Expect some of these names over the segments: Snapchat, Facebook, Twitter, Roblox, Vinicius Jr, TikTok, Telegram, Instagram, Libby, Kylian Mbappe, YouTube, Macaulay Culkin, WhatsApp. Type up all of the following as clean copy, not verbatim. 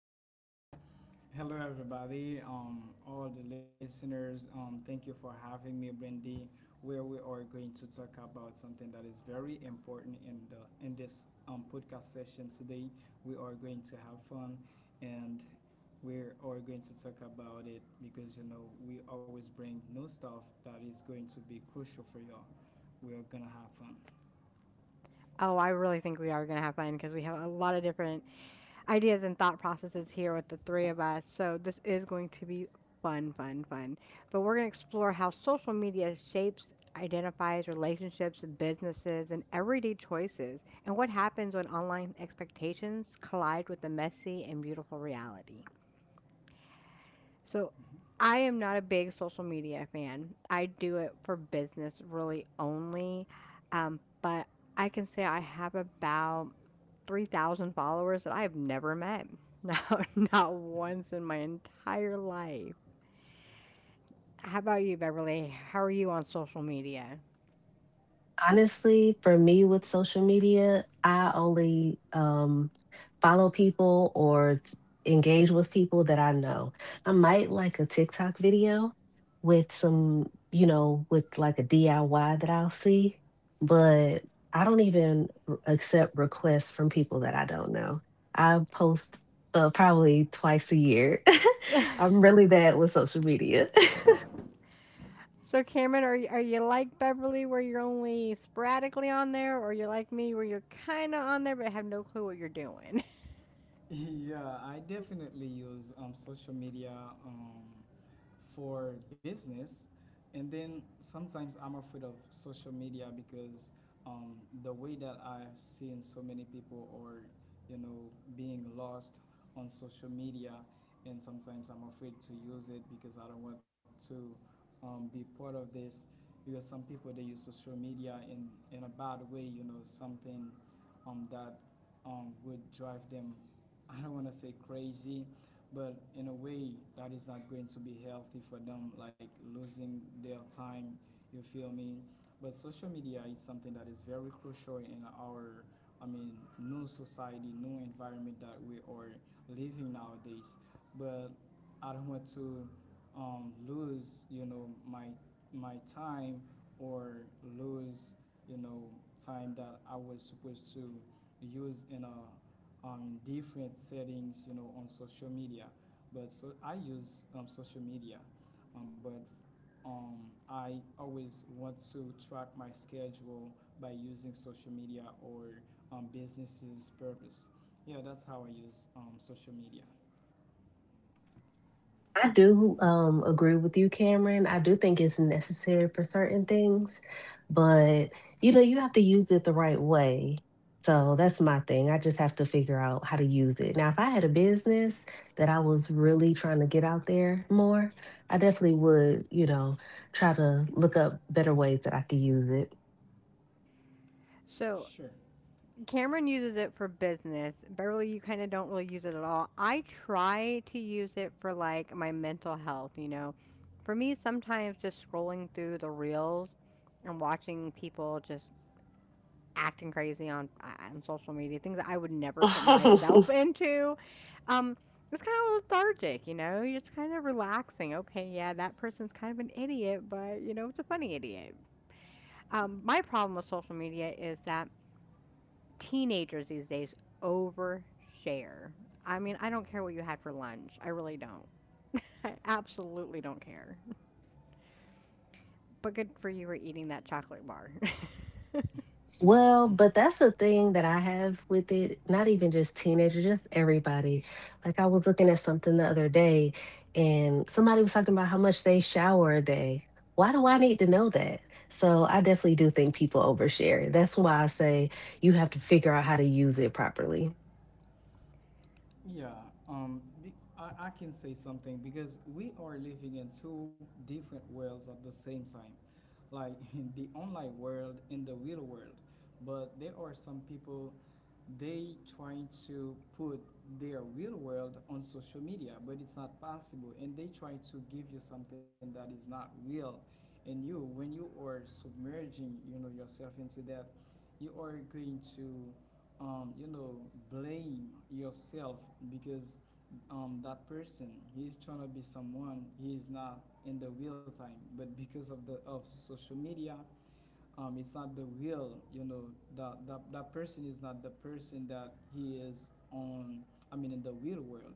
one. Hello, everybody, all the listeners. Thank you for having me, Brandy, where we are going to talk about something that is very important in the in this podcast session today. We are going to have fun, and we are going to talk about it because you know we always bring new stuff that is going to be crucial for you all. We are gonna have fun. Oh, I really think we are going to have fun because we have a lot of different ideas and thought processes here with the three of us. So this is going to be fun, fun, fun. But we're going to explore how social media shapes, identifies relationships, businesses, and everyday choices, and what happens when online expectations collide with the messy and beautiful reality. So Mhm. I am not a big social media fan. I do it for business really only. But I can say I have about 3,000 followers that I have never met. Not, not once in my entire life. How about you, Beverly? How are you on social media? Honestly, for me with social media, I only, follow people or t engage with people that I know. I might like a TikTok video with with like a DIY that I'll see, but I don't even r accept requests from people that I don't know. I post, probably twice a year. I'm really bad with social media. So Cameron, are you like Beverly where you're only sporadically on there, or you're like me where you're kind of on there but have no clue what you're doing? Yeah, I definitely use social media um, for business. And then sometimes I'm afraid of social media because um, the way that I've seen so many people are, you know, being lost on social media. And sometimes I'm afraid to use it because I don't want to be part of this. Because some people they use social media in a bad way, you know, something that would drive them, I don't want to say crazy, but in a way that is not going to be healthy for them, like losing their time. You feel me? But social media is something that is very crucial in our, I mean, new society, new environment that we are living nowadays. But I don't want to lose, you know, my time, or lose, you know, time that I was supposed to use in a, in different settings, you know, on social media. But so I use social media, but um, I always want to track my schedule by using social media or businesses purpose. Yeah, that's how I use social media. I do agree with you, Cameron. I do think it's necessary for certain things, but you know, you have to use it the right way. So that's my thing. I just have to figure out how to use it. Now, if I had a business that I was really trying to get out there more, I definitely would, you know, try to look up better ways that I could use So Sure. Cameron uses it for business. Beverly, you kind of don't really use it at all. I try to use it for like my mental health. For me, sometimes just scrolling through the reels and watching people just acting crazy on social media, things that I would never put it. myself into. Um, it's kind of lethargic, you know. You're just kind of relaxing. Okay, yeah, that person's kind of an idiot, but you know, it's a funny idiot. My problem with social media is that teenagers these days overshare. I mean, I don't care what you had for lunch. I really don't. I absolutely don't care. But good for you for eating that chocolate bar. Well, but that's the thing that I have with it, not even just teenagers, just everybody. Like I was looking at something the other day and somebody was talking about how much they shower a day. Why do I need to know that? So I definitely do think people overshare. That's why I say you have to figure out how to use it properly. Yeah, um, be- I can say something because we are living in two different worlds at the same time, like in the online world and the real world. But there are some people, they try to put their real world on social media, but it's not possible. And they try to give you something that is not real. And you, when you are submerging, you know, yourself into that, you are going to, you know, blame yourself because that person, he's trying to be someone he is not in the real time, but because of the of social media, it's not the will, you know, that person is not the person that he is on, I mean, in the real world.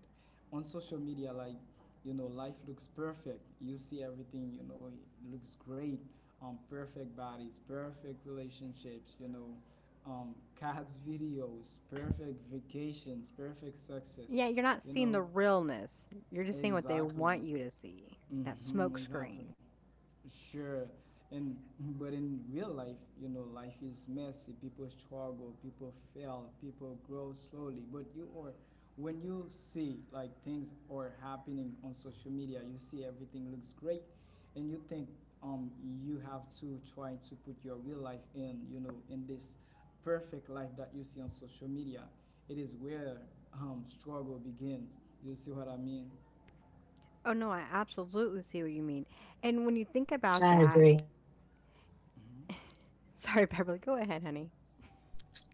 On social media, like, you know, life looks perfect, you see everything, you know, it looks great. Perfect bodies, perfect relationships, you know, cats videos, perfect vacations, perfect success, Yeah, you're not you seeing the know. realness. You're just seeing what they Exactly. want you to see. That smoke Hmm, exactly. screen. Sure. And but in real life, you know, life is messy. People struggle, people fail, people grow slowly. But you are, when you see like things are happening on social media, you see everything looks great, and you think, um you have to try to put your real life in, you know, in this perfect life that you see on social media. It is where struggle begins. You see what I mean? Oh no, I absolutely see what you mean. And when you think about I that, agree. Hmm. sorry, Beverly, go ahead, honey.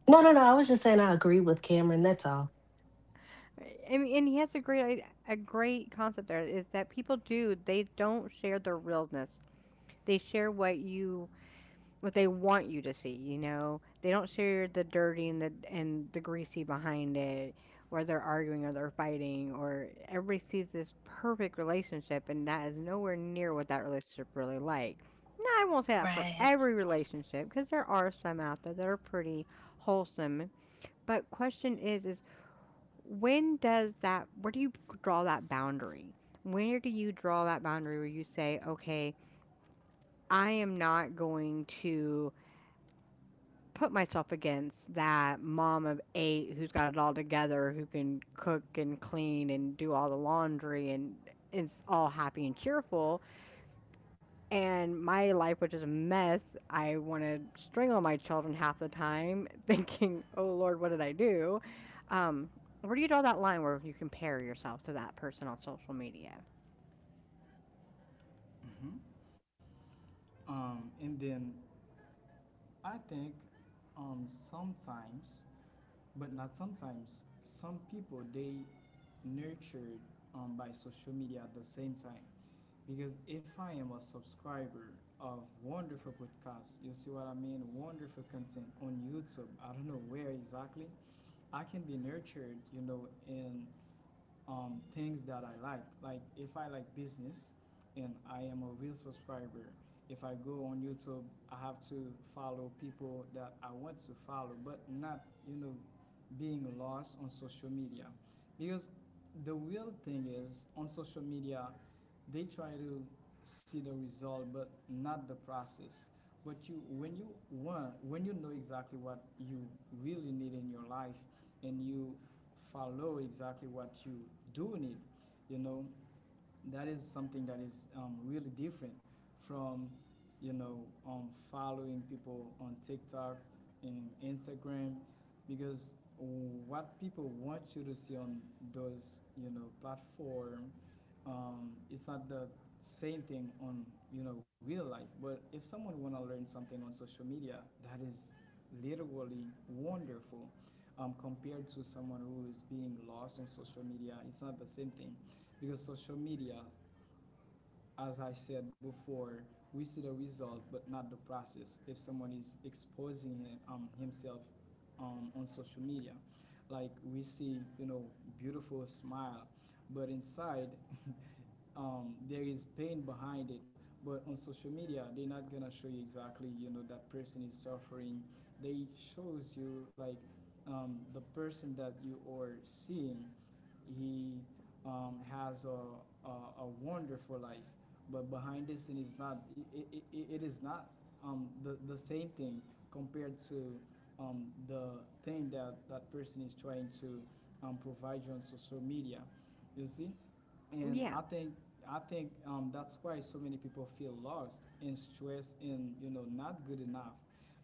No, no, no. I was just saying I agree with Cameron. That's all. I mean, and he has a great a great concept there is that people do they don't share their realness. They share what you what they want you to see, you know? They don't share the dirty and the greasy behind it, or they're arguing or they're fighting, or everybody sees this perfect relationship and that is nowhere near what that relationship really like. Now, I won't say that for Right. every relationship because there are some out there that are pretty wholesome, but question is when does that where do you draw that boundary? Where do you draw that boundary where you say, "Okay, I am not going to put myself against that mom of eight who's got it all together, who can cook and clean and do all the laundry and is all happy and cheerful. And my life, which is a mess, I want to strangle my children half the time, thinking, oh Lord, what did I do? Um, where do you draw that line where you compare yourself to that person on social media?" Hmm. And then I think, sometimes, but not sometimes, some people they nurtured by social media at the same time. Because if I am a subscriber of wonderful podcasts, you see what I mean, wonderful content on YouTube, I don't know where exactly, I can be nurtured, you know, in things that I like. Like if I like business and I am a real subscriber, if I go on YouTube, I have to follow people that I want to follow, but not, you know, being lost on social media. Because the real thing is, on social media, they try to see the result but not the process. But you, when you know exactly what you really need in your life, and you follow exactly what you do need, you know, that is something that is, really different from, you know, following people on TikTok and Instagram, because what people want you to see on those, you know, platform, it's not the same thing on, you know, real life. But if someone want to learn something on social media, that is literally wonderful compared to someone who is being lost on social media. It's not the same thing because social media, as I said before, we see the result but not the process. If someone is exposing himself, on social media, like we see, you know, beautiful smile, but inside, there is pain behind it. But on social media they're not gonna show you exactly, you know, that person is suffering. They shows you like, the person that you are seeing, he has a wonderful life, but behind this. And it's not, it is not, the same thing compared to, the thing that that person is trying to, provide you on social media. You see? And Yeah. I think, I think that's why so many people feel lost and stressed and, you know, not good enough.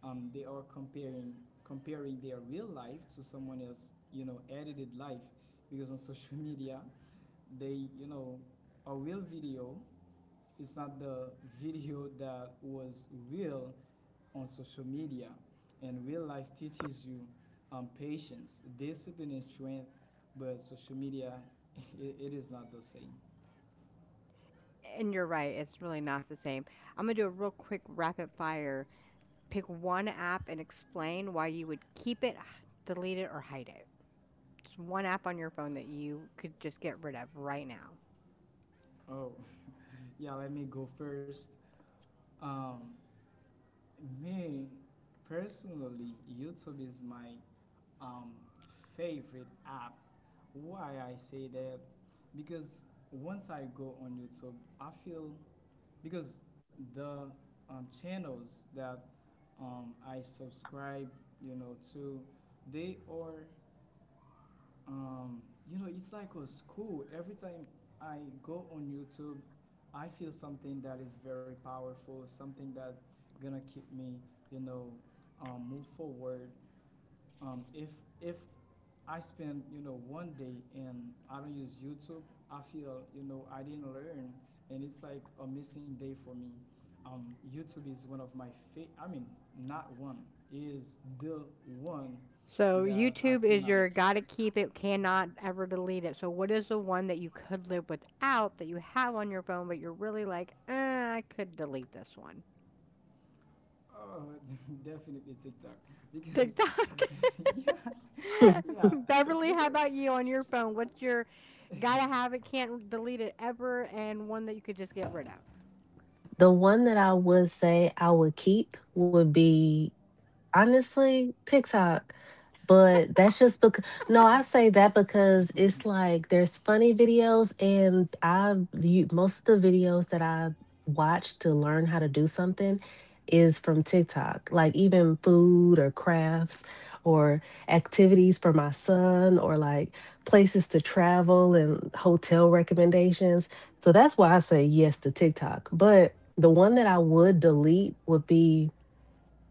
They are comparing their real life to someone else, you know, edited life, because on social media, they, you know, a real video is not the video that was real on social media. And real life teaches you, patience, discipline and strength, but social media, it is not the same. And you're right, it's really not the same. I'm going to do a real quick rapid fire. Pick 1 app and explain why you would keep it, h delete it, or hide it. Just 1 app on your phone that you could just get rid of right now. Oh. Yeah, let me go first. Um, me personally, YouTube is my, um, favorite app. Why I say that? Because once I go on YouTube, I feel, because the, channels that I subscribe, you know, to, they are, Um, you know, it's like a school. Every time I go on YouTube, I feel something that is very powerful, something that gonna keep me, you know, move forward. Um, if if I spend, you know, 1 day and I don't use YouTube, I feel, you know, I didn't learn, and it's like a missing day for me. YouTube is one of my favorite. I mean, not one, is the one So, that I YouTube is cannot. your gotta keep it, cannot ever delete it. So, what is the one that you could live without that you have on your phone, but you're really like, I could delete this one." Oh, definitely TikTok because, TikTok. yeah, yeah, Beverly, how because about you on your phone? What's your gotta have it, can't delete it ever, and one that you could just get rid of? The one that I would say I would keep would be honestly, TikTok. But that's just because, no, I say that because it's like there's funny videos, and most of the videos that I watch to learn how to do something is from TikTok, like even food or crafts or activities for my son or like places to travel and hotel recommendations. So that's why I say yes to TikTok. But the one that I would delete would be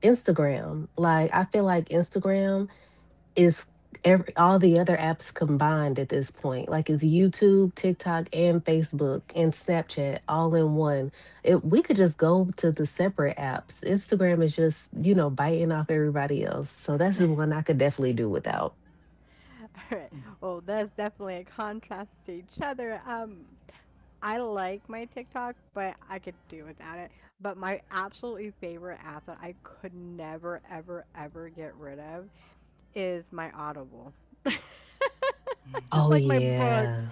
Instagram. Like I feel like Instagram is every all the other apps combined at this point. Like it's YouTube, TikTok, and Facebook and Snapchat all in one. If we could just go to the separate apps. Instagram is just, you know, biting off everybody else. So that's the one I could definitely do without. All right. Well, that's definitely a contrast to each other. I like my TikTok, but I could do without it. But my absolutely favorite app that I could never, ever, ever get rid of is my Audible. Just Oh like my books. yeah.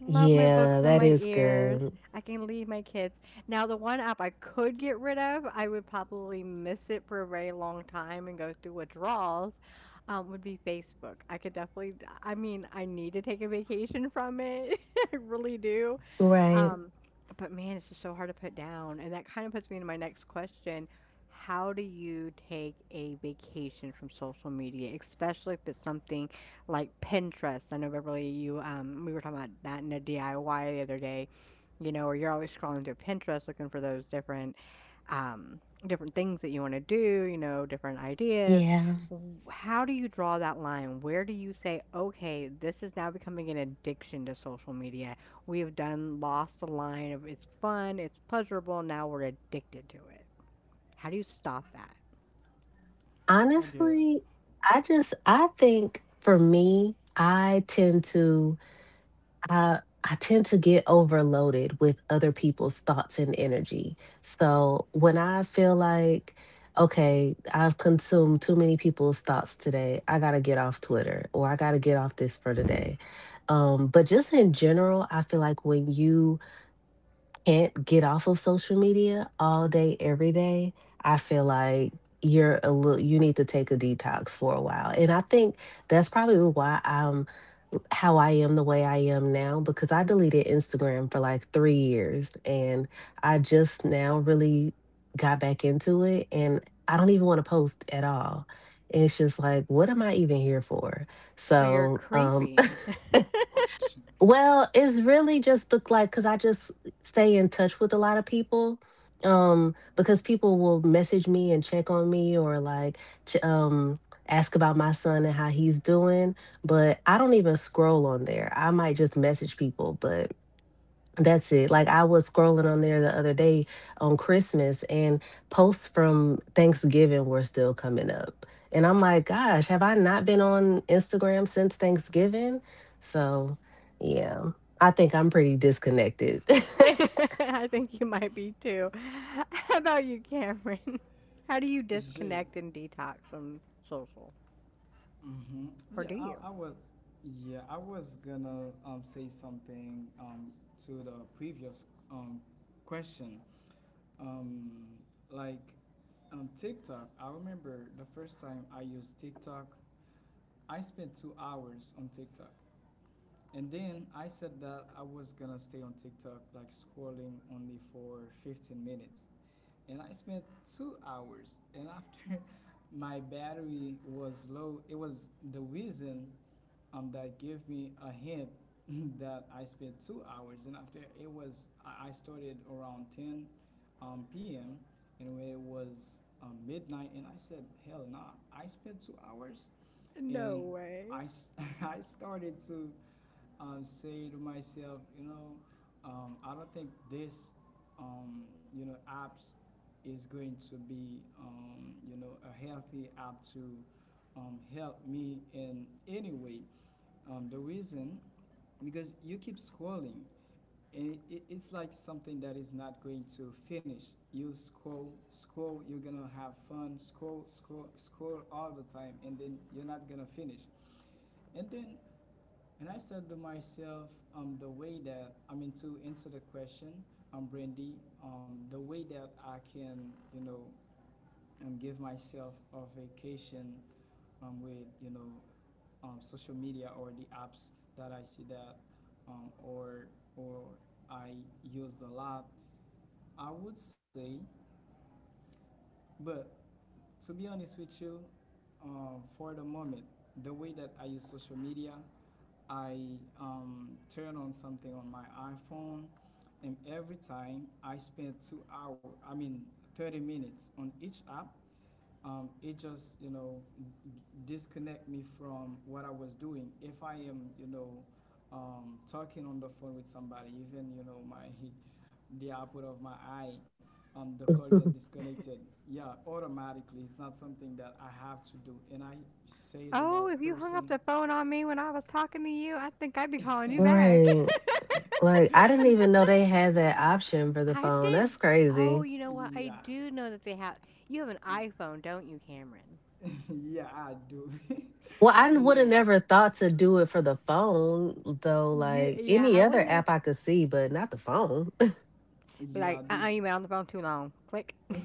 Love my books Yeah, in that my is ears. good. I can leave my kids. Now, the one app I could get rid of, I would probably miss it for a very long time and go through withdrawals, would be Facebook. I could definitely, I mean, I need to take a vacation from it. I really do. Right. Um, but man, it's just so hard to put down. And that kind of puts me into my next question. How do you take a vacation from social media, especially if it's something like Pinterest? I know Beverly, you we were talking about that in a DIY the other day, you know, or you're always scrolling through Pinterest looking for those different um, different things that you want to do, you know, different ideas. Yeah. How do you draw that line? Where do you say, okay, this is now becoming an addiction to social media? We have done lost the line of it's fun, it's pleasurable, now we're addicted to it. How do you stop that? okay, Honestly, I just I think for me, I I tend to get overloaded with other people's thoughts and energy. So, when I feel like okay, I've consumed too many people's thoughts today, I got to get off Twitter or I got to get off this for today. But just in general, I feel like when you can't get off of social media all day, every day, I feel like you're a little, you need to take a detox for a while. And I think that's probably why I'm how I am the way I am now because I deleted Instagram for like 3 years and I just now really got back into it and I don't even want to post at all. It's just like, what am I even here for? So you're So, creeping. well, it's really just looked like because I just stay in touch with a lot of people. Because people will message me and check on me or ch- um ask about my son and how he's doing, but I don't even scroll on there. I might just message people, but that's it. Like I was scrolling on there the other day on Christmas and posts from Thanksgiving were still coming up. And I'm like, gosh, have I not been on Instagram since Thanksgiving? So, yeah. I think I'm pretty disconnected. I think you might be too. How about you, Cameron? How do you sure. disconnect and detox from social? Hmm. Or Yeah, do you? I was yeah, I was gonna say something to the previous question. Um, like on TikTok, I remember the first time I used TikTok, I spent 2 hours on TikTok. And then I said that I was gonna stay on TikTok, like scrolling only for 15 minutes. And I spent 2 hours. And after my battery was low, it was the reason that gave me a hint that I spent 2 hours. And after it was, I started around 10 p.m. And when it was midnight, and I said, "Hell nah!" I spent 2 hours, No and way. I s- I started to say to myself, you know, I don't think this, you know, app is going to be, you know, a healthy app to help me in any way. The reason, because you keep scrolling, and it's like something that is not going to finish. You scroll, scroll, you're gonna have fun, scroll, scroll, scroll all the time, and then you're not gonna finish. And then, and I said to myself, the way that, I mean, to answer the question, Brandy, the way that I can, you know, give myself a vacation with, you know, social media or the apps that I see that, um, or, or I use a lot, I would say. But to be honest with you, for the moment, the way that I use social media, I turn on something on my iPhone, and every time I spend two hours, I mean, 30 minutes on each app. It just, you know, disconnect me from what I was doing. If I am, you know, talking on the phone with somebody, even, you know, my the output of my eye, the call get disconnected. Yeah, automatically. It's not something that I have to do. And I say to that Oh, if you hung up person, the phone on me when I was talking to you, I think I'd be calling you back. Right. Like I didn't even know they had that option for the I phone. That's didn't. Oh, crazy. you know what? I Yeah. do know that they have. You have an iPhone, don't you, Cameron? Yeah, I do. Well, I would Yeah. have Yeah, never thought to do it for the phone, though. you. Like Yeah, any I other wouldn't have. app I could see, but not the phone. Be Yeah, like, they, uh-uh, you've been on the phone too long. Click. eh,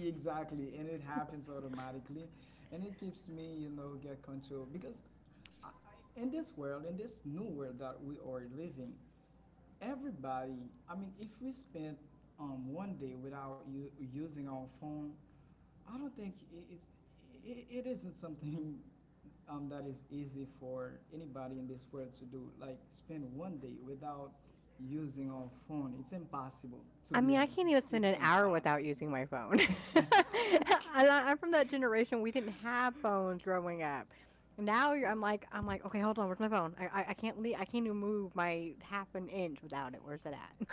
exactly. And it happens automatically, and it keeps me, you know, get control, because in this world, in this new world that we are living, everybody, I mean, if we spend 1 day without using our phone, I don't think it it isn't something that is easy for anybody in this world to do. Like spend 1 day without using our phone. It's impossible. I To mean, be I can't honest, even spend an it's hour without impossible. using my phone. And I'm from that generation, we didn't have phones growing up. Now you're I'm like "Okay, hold on, where's my phone? I can't leave. I can't even move my half an inch without it. Where's it at?"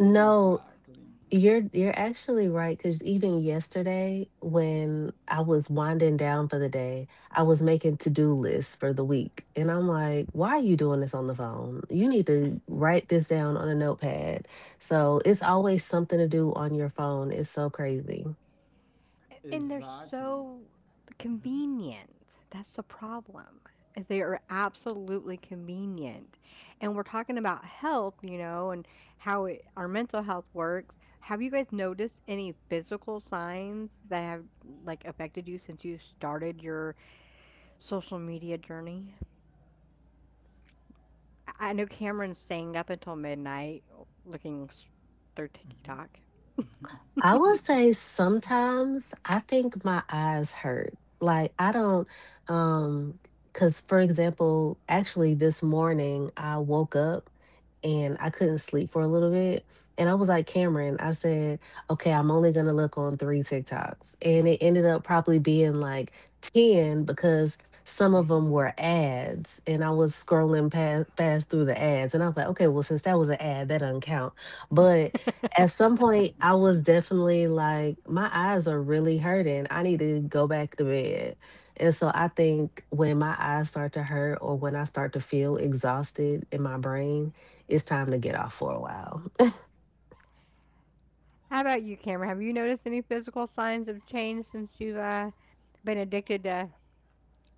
No, Exactly. you're actually right, because even yesterday, when I was winding down for the day, I was making to-do lists for the week. And I'm like, why are you doing this on the phone? You need to write this down on a notepad. So it's always something to do on your phone. It's so crazy. And they're Exactly. so convenient. That's the problem, is they are absolutely convenient, and we're talking about health, you know, and how it our mental health works. Have you guys noticed any physical signs that have, like, affected you since you started your social media journey? I know Cameron's staying up until midnight looking s through TikTok. I will say sometimes I think my eyes hurt. Like I don't um cuz for example, actually this morning I woke up and I couldn't sleep for a little bit and I was like Cameron, I said, "Okay, I'm only going to look on 3 TikToks." And it ended up probably being like 10 because some of them were ads and I was scrolling past through the ads and I was like, "Okay, well since that was an ad, that doesn't count." But at some point I was definitely like, my eyes are really hurting. I need to go back to bed. And so I think when my eyes start to hurt or when I start to feel exhausted in my brain, it's time to get off for a while. How about you, Cameron? Have you noticed any physical signs of change since you've been addicted to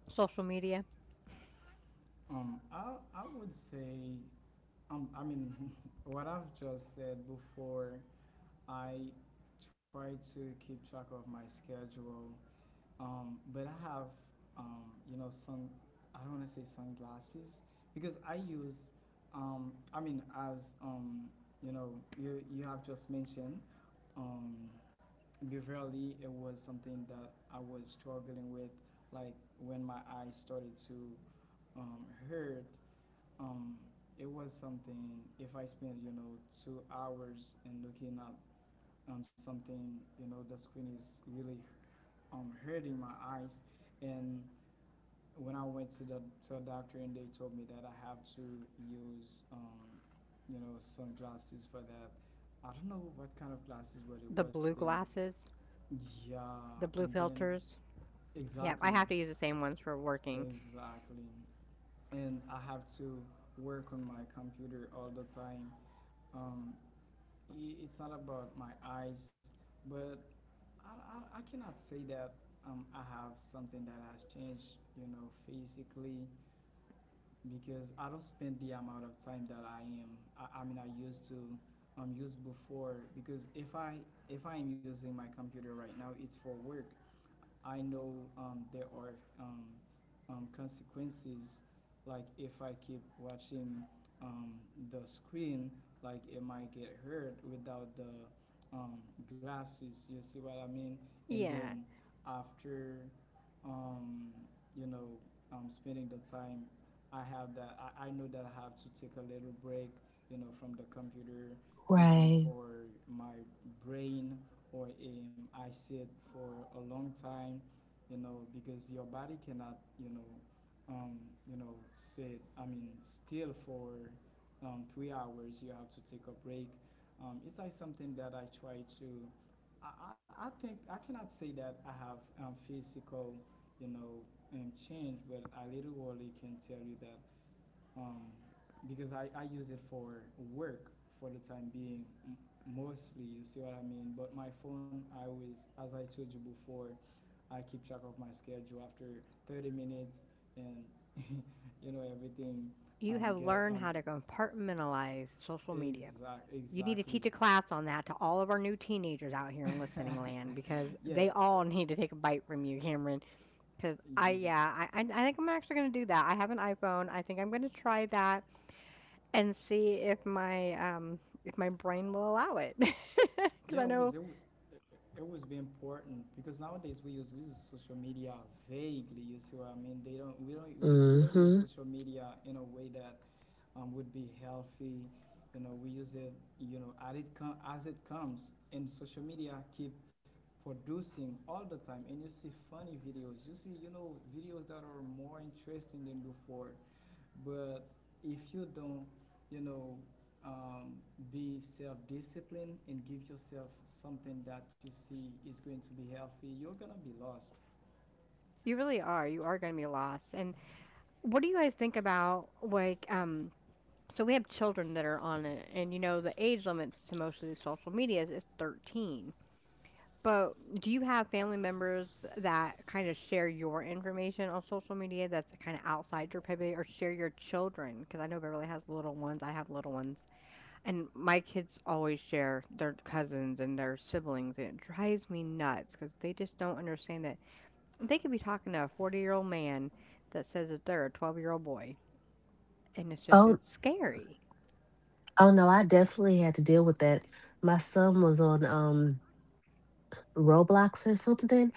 social media? I would say I mean what I've just said before. I try to keep track of my schedule. But I have, um, you know, sun. I don't want to say sunglasses because I use. I mean, as you know, you have just mentioned. Um, Beverly, it was something that I was struggling with. Like when my eyes started to hurt, um, it was something. If I spend, you know, 2 hours and looking at something, you know, the screen is really hurting my eyes, and when I went to the to a doctor and they told me that I have to use you know sunglasses for that. I don't know what kind of glasses, but it The was blue they. glasses, Yeah, the and blue then filters. Yeah, I exactly. have to use the same ones for working. Exactly, and I have to work on my computer all the time. Um, it's not about my eyes, but I cannot say that I have something that has changed, you know, physically because I don't spend the amount of time that I am. I mean, I used to use before because if I am using my computer right now, it's for work. I know there are um, consequences. Like if I keep watching um, the screen, like it might get hurt without the um, glasses. You see what I mean? And Yeah, then after, um, you know, spending the time, I have that. I know that I have to take a little break, from the computer, even Right. for my brain or I said for a long time, you know, because your body cannot, um, sit. I mean, still for 3 hours. You have to take a break. It's like something that I try to. I think I cannot say that I have physical, you know, change, but I literally can tell you that um, because I use it for work for the time being mostly. You see what I mean? But my phone, I always, as I told you before, I keep track of my schedule after 30 minutes and you know everything. you have Get learned how to compartmentalize social media. exact You need to exactly teach a class on that to all of our new teenagers out here in listening land because Yeah. they all need to take a bite from you, Cameron. Because I, Yeah, yeah, I, I I think I'm actually going to do that. I have an iPhone. I think I'm going to try that, and see if my brain will allow it because Yeah, I know it was be important because nowadays we use social media vaguely. You see what I mean? They don't we don't we don't- we don't use hmm social media in a way that would be healthy. You know, we use it as it comes, and social media keep producing all the time. And you see funny videos. You see you know videos that are more interesting than before. But if you don't, you know, um, be self-disciplined and give yourself something that you see is going to be healthy, you're gonna be lost. you really are, you are going to be lost. And what do you guys think about like so we have children that are on it, and you know the age limits to most of these social medias is 13, but do you have family members that kind of share your information on social media that's kind of outside your purview, or share your children? Because I know Beverly has little ones, I have little ones. And my kids always share their cousins and their siblings, and it drives me nuts because they just don't understand that they could be talking to a 40-year-old man that says that they're a 12-year-old boy, and it's just Oh, it's scary. oh no, I definitely had to deal with that. My son was on Roblox or something,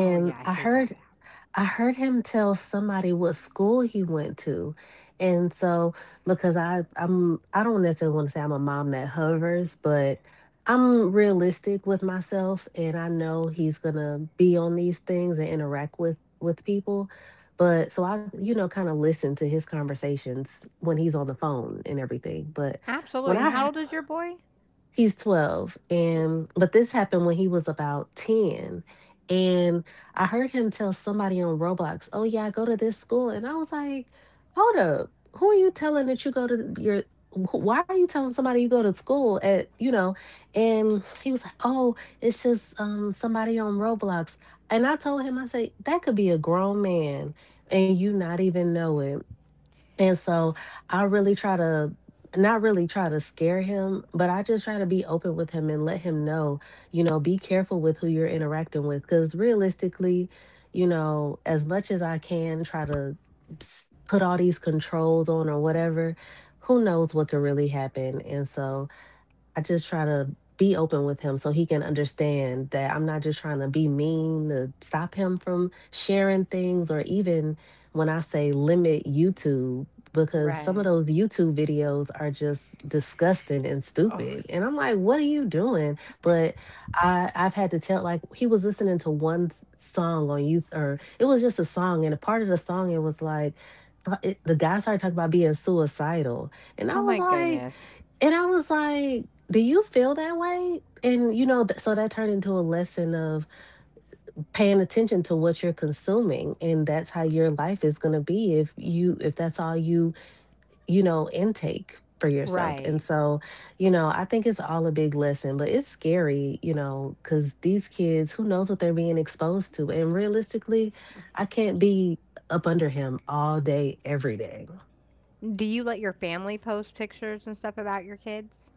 Oh yeah, I hate that app. I heard him tell somebody what school he went to. And so because I don't necessarily want to say I'm a mom that hovers, but I'm realistic with myself and I know he's going to be on these things and interact with people. But so I you know kind of listen to his conversations when he's on the phone and everything. But when Absolutely. And how I old is your boy? He's 12 and but this happened when he was about 10. And I heard him tell somebody on Roblox, "Oh yeah, I go to this school." And I was like, "Hold up. Who are you telling that you go to your why are you telling somebody you go to school at, you know?" And he was like, "Oh, it's just somebody on Roblox." And I told him I said, "That could be a grown man and you not even know it." And so I really try to not really try to scare him, but I just try to be open with him and let him know, you know, be careful with who you're interacting with. Cause realistically, you know, as much as I can try to put all these controls on or whatever, who knows what could really happen. And so I just try to be open with him so he can understand that I'm not just trying to be mean to stop him from sharing things or even when I say limit YouTube because some of Right. those YouTube videos are just disgusting and Oh, stupid. And I'm like, what are you doing? But I I've had to tell like he was listening to one song on you or it was just a song and a part of the song it was like the guy started talking about being suicidal. And I oh was my like goodness. and I was like, do you feel that way? And, you know, so that turned into a lesson of paying attention to what you're consuming. And that's how your life is going to be if you, if that's all you, you know, intake for yourself. And Right. so, you know, I think it's all a big lesson, but it's scary, you know, because these kids, who knows what they're being exposed to. And realistically, I can't be up under him all day, every day. Do you let your family post pictures and stuff about your kids?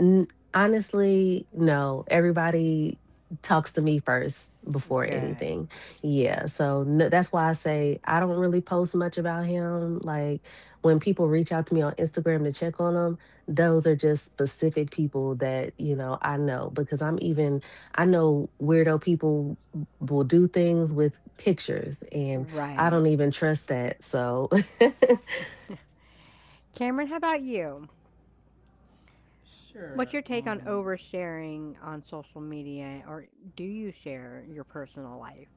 N- Honestly, no. Everybody talks to me first before Good. anything. Yeah, so no, that's why I say I don't really post much about him. Like when people reach out to me on Instagram to check on him, those are just specific people that, you know, I know because I know weirdo people will do things with pictures and I Right. don't even trust that. So Cameron, how about you? What's Sure. your take on oversharing on social media, or do you share your personal life?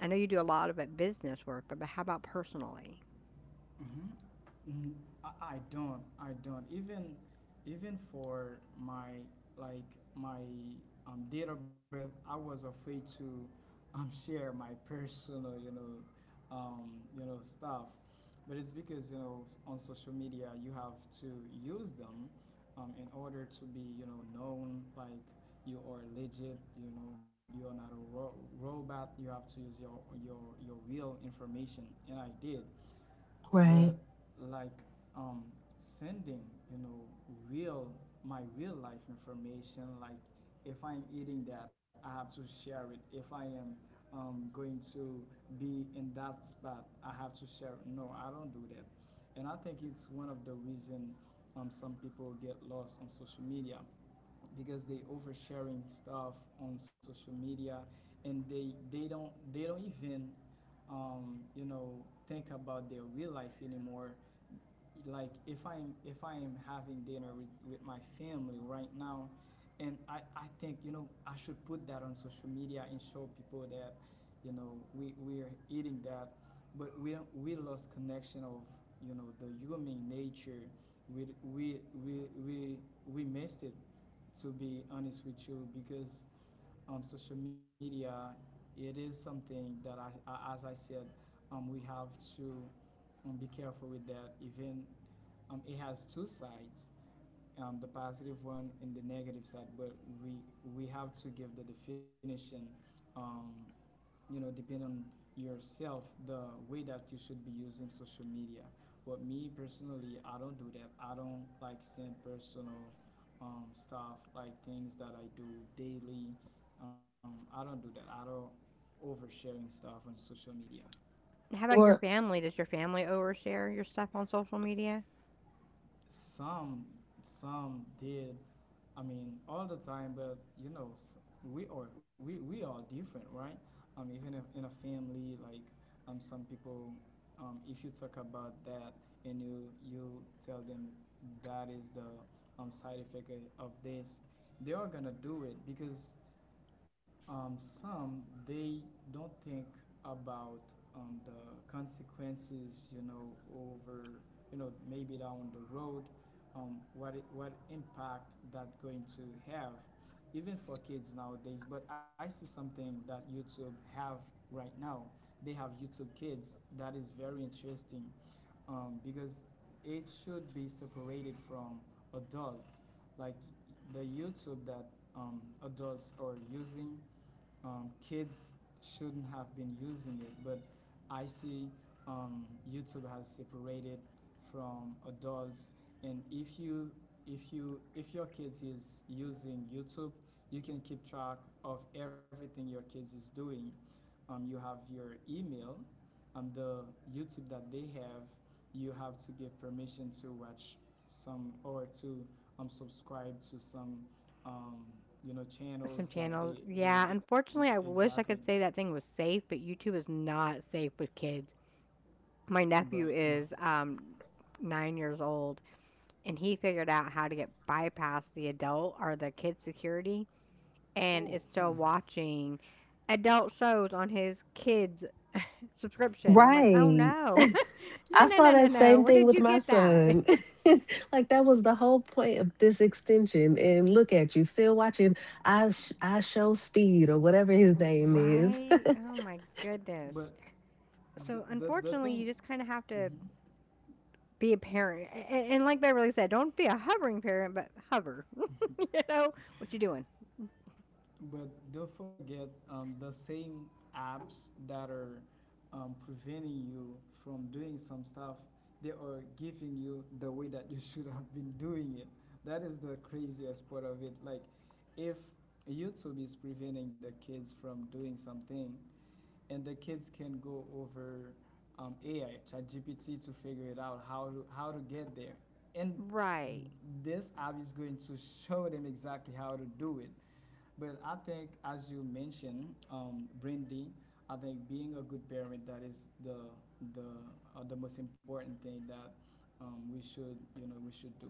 I know you do a lot of it business work, but how about personally? Mm-hmm. I don't. I don't. Even even for my like my date of birth, I was afraid to share my personal, um, stuff. But it's because you know, on social media you have to use them in order to be you know known like you are legit. You know you are not a robot. You have to use your your real information, and I did, right. but like um, sending you know real my real life information. Like if I'm eating, that I have to share it. If I am going to be in that spot, I have to share it. No, I don't do that, and I think it's one of the reason some people get lost on social media because they oversharing stuff on social media, and they don't even you know think about their real life anymore. Like if I'm if I am having dinner with my family right now, and I think you know I should put that on social media and show people that you know we're eating that. But we don't- we lost connection of you know the human nature. We we we we, we missed it, to be honest with you, because social media, it is something that I as I said, we have to be careful with that. Even it has two sides, the positive one and the negative side. But we we have to give the definition. Um, you know, depending on yourself, the way that you should be using social media. But me personally, I don't do that. I don't like send personal stuff, like things that I do daily. I don't do that. I don't oversharing stuff on social media. How about your Well, family? Does your family overshare your stuff on social media? Some some did. I mean, all the time, but you know, we are we are different, right? Even if in a family, like some people, if you talk about that and you tell them that is the side effect of this, they are gonna do it because some they don't think about the consequences, you know, over you know maybe down the road, what impact that going to have, even for kids nowadays. But I see something that YouTube have right now. They have YouTube Kids that is very interesting because it should be separated from adults, like the YouTube that adults are using, kids shouldn't have been using it. But I see um, YouTube has separated from adults. And if you if your kids is using YouTube, you can keep track of everything your kids is doing. You have your email, the YouTube that they have, you have to give permission to watch some or to subscribe to some um, you know Some channels that channels. they they, Yeah, they e- unfortunately, I wish exactly. I could say that thing was safe, but YouTube is not safe with kids. My nephew But is 9 years old, and he figured out how to get bypass the adult or the kid security and oh, is still watching adult shows on his kids' subscription. I'm like, "Oh, right. no. No, I no, saw no, no, that no. same Where thing did with you my get that?" son. Like that was the whole point of this extension. And look at you, still watching I Show Speed or whatever his name is. Right? Oh my goodness. but the So, the, the unfortunately, thing. you just kind of have to Mhm. be a parent. And like Beverly said, don't be a hovering parent, but hover. You know what you are doing. But don't forget the same apps that are preventing you from doing some stuff, they are giving you the way that you should have been doing it. That is the craziest part of it. Like, if YouTube is preventing the kids from doing something, and the kids can go over AI, ChatGPT, to figure it out how to get there. And Right. this app is going to show them exactly how to do it. But I think, as you mentioned, Brandy, I think being a good parent, that is the the most important thing that we should you know we should do.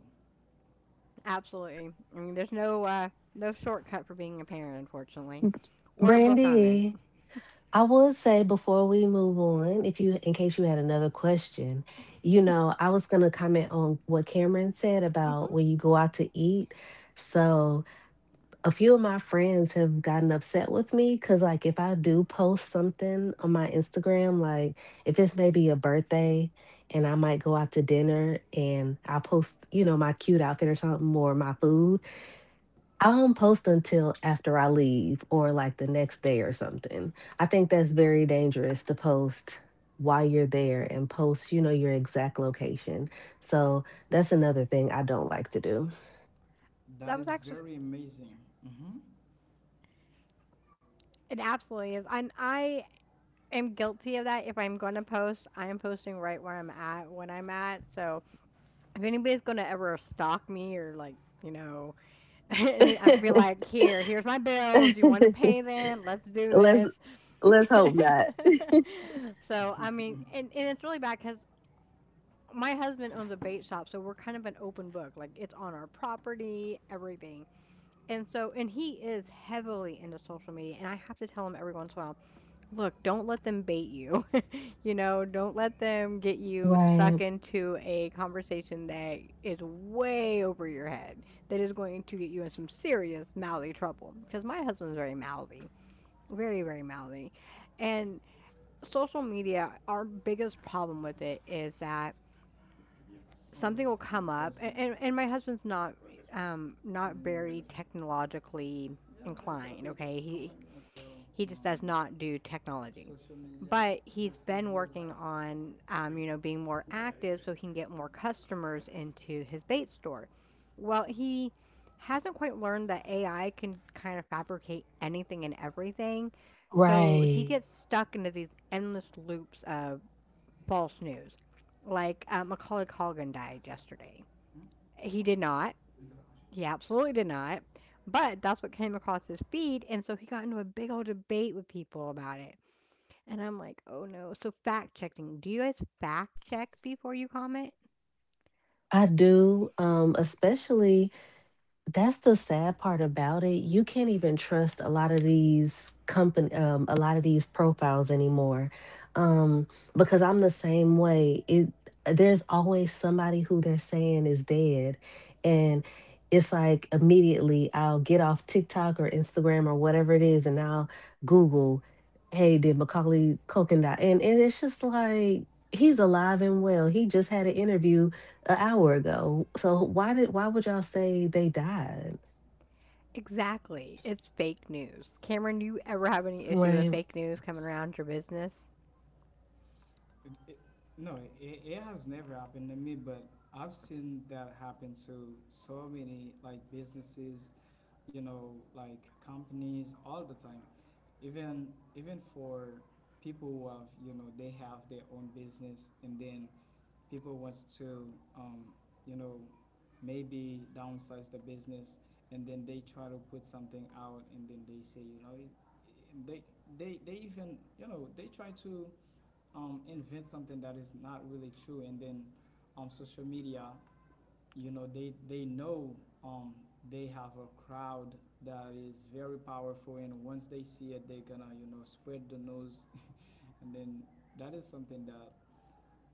Absolutely. I mean, there's no no shortcut for being a parent, unfortunately. Or a book Mhm. on there. Brandy, I would say before we move on, if you in case you had another question, you know, I was gonna comment on what Cameron said Mhm. about when you go out to eat. So a few of my friends have gotten upset with me because like if I do post something on my Instagram, like if it's maybe a birthday and I might go out to dinner and I post you know my cute outfit or something or my food, I don't post until after I leave or like the next day or something. I think that's very dangerous to post while you're there and post you know your exact location. So that's another thing I don't like to do. That That was is actually. very amazing. Mhm. It absolutely is. And I am guilty of that. If I'm going to post, I am posting right where I'm at when I'm at. So if anybody's going to ever stalk me or like, you know, and I'd be like, here, here's my bills. You want to pay them? Let's do Let's this. Hope not. So, I mean, and it's really bad because my husband owns a bait shop. So we're kind of an open book. Like it's on our property, everything. And so, and he is heavily into social media. And I have to tell him every once in a while, look, don't let them bait you. You know, don't let them get you Right, stuck into a conversation that is way over your head, that is going to get you in some serious mouthy trouble. Because my husband's very mouthy, very, very mouthy. And social media, our biggest problem with it is that C'est on something belle will come up, and, conversation. and, and my husband's not not Euh, very technologically Yeah, on belle inclined, topic. okay? Sur comment He on dit encore he just does not do technology. social media But he's versus been real working life. on, being more active so he can get more customers into his bait store. Well, he hasn't quite learned that AI can kind of fabricate anything and everything. So right. he gets stuck into these endless loops of false news. Like Macaulay Culkin died yesterday. Hmm? He did not. He absolutely did not. But that's what came across his feed. And so he got into a big old debate with people about it. And I'm like, "Oh, no." So fact checking. Do you guys fact check before you comment? I do, especially that's the sad part about it. You can't even trust a lot of these profiles anymore. Um, because I'm the same way. It There's always somebody who they're saying is dead. And it's like immediately I'll get off TikTok or Instagram or whatever it is and I'll Google, hey, did Macaulay Culkin die? And it's just like he's alive and well. He just had an interview an hour ago. So why would y'all say they died? Exactly. It's fake news. Cameron, do you ever have any issue with Right. fake news coming around your business? It, no, it has never happened to me, but I've seen that happen to so many like businesses, you know, like companies all the time. Even even for people who have, you know, they have their own business, and then people wants to, um, you know, maybe downsize the business, and then they try to put something out, and then they say, you know, they they even you know they try to invent something that is not really true, and then social media, you know, they know um, they have a crowd that is very powerful, and once they see it, they're gonna you know spread the news, and then that is something that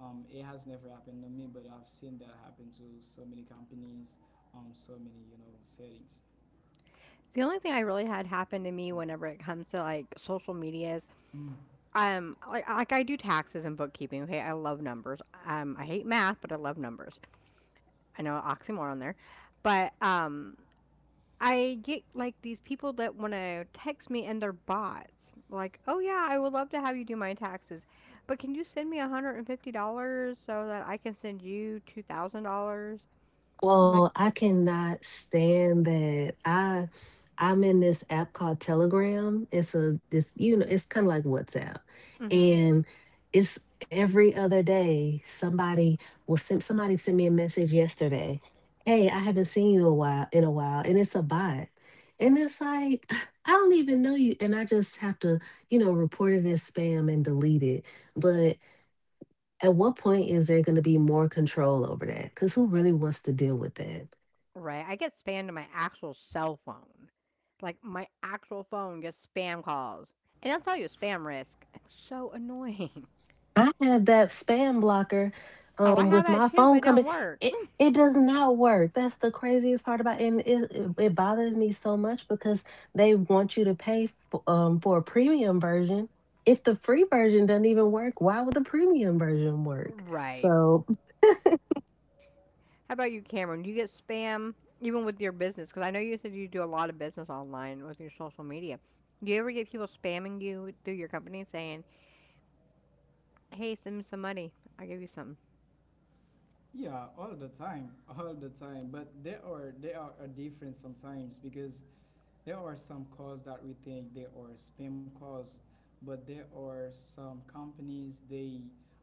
it has never happened to me, but I've seen that happen to so many companies, so many you know settings. The only thing I really had happen to me Yeah. whenever it comes to like social media is like I do taxes and bookkeeping. Okay, I love numbers. I hate math, but I love numbers. I know, oxymoron there. But I get like these people that want to text me and they're bots. Like, oh yeah, I would love to have you do my taxes, but can you send me $150 so that I can send you $2,000? I'm Well, like, I cannot stand that. I'm in this app called Telegram. It's a this you know, It's kind of like WhatsApp. mm-hmm. And it's every other day somebody will send somebody sent me a message yesterday. Hey, I haven't seen you a while in a while and it's a bot. And it's like I don't even know you and I just have to, report it as spam and delete it. But. At what point is there gonna be more control over that? Because who really wants to deal with that? Right. I get spammed on my actual cell phone. Like my actual phone gets spam calls. And I'll tell you, spam risk, it's so annoying. I had that spam blocker, Oh, I have with that my too, but phone it don't company. work. It it does not work. That's the craziest part about it. And it bothers me so much because they want you to pay for, for a premium version. If the free version doesn't even work, why would the premium version work? Right. So. How about you, Cameron? Do you get spam even with your business? Because I know you said you do a lot of business online with your social media. Do you ever get people spamming you through your company saying, "Hey, send me some money. I'll give you something." Yeah, all the time, all the time. But there are a difference sometimes because there are some calls that we think they are spam calls, but there are some companies they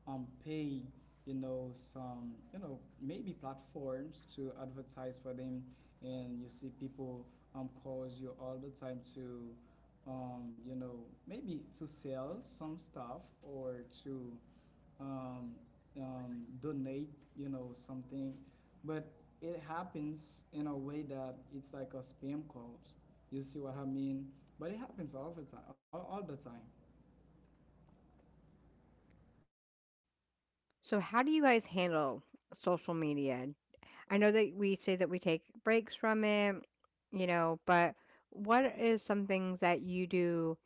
pay you know some you know maybe platforms to advertise for them, and you see people calls you all the time to you know maybe to sell some stuff or to um, donate, you know, something, but it happens in a way that it's like a spam calls. You see what I mean? But it happens all the time, all the time. So how do you guys handle social media? I know that we say that we take breaks from it, you know, but what is some things that you do,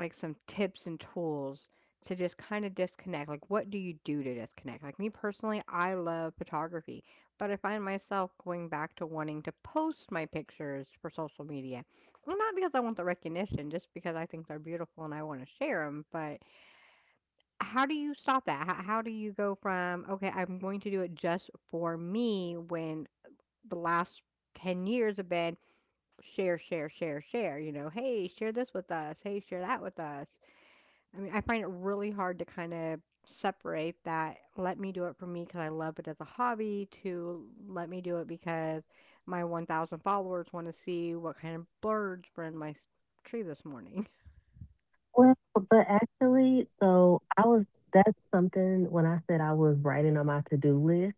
like some tips and tools to just kind of disconnect? Like, what do you do to disconnect? Like, me personally, I love photography, but I find myself going back to wanting to post my pictures for social media. Well, not because I want the recognition, just because I think they're beautiful and I want to share them. But how do you stop that? How do you go from, okay, I'm going to do it just for me, when the last 10 years have been share, share, share, share? You know, hey, share this with us. Hey, share that with us. I mean, I find it really hard to kind of separate that, let me do it for me because I love it as a hobby, to let me do it because my 1,000 followers want to see what kind of birds were in my tree this morning. Well, but actually, so I was that's something, when I said I was writing on my to-do list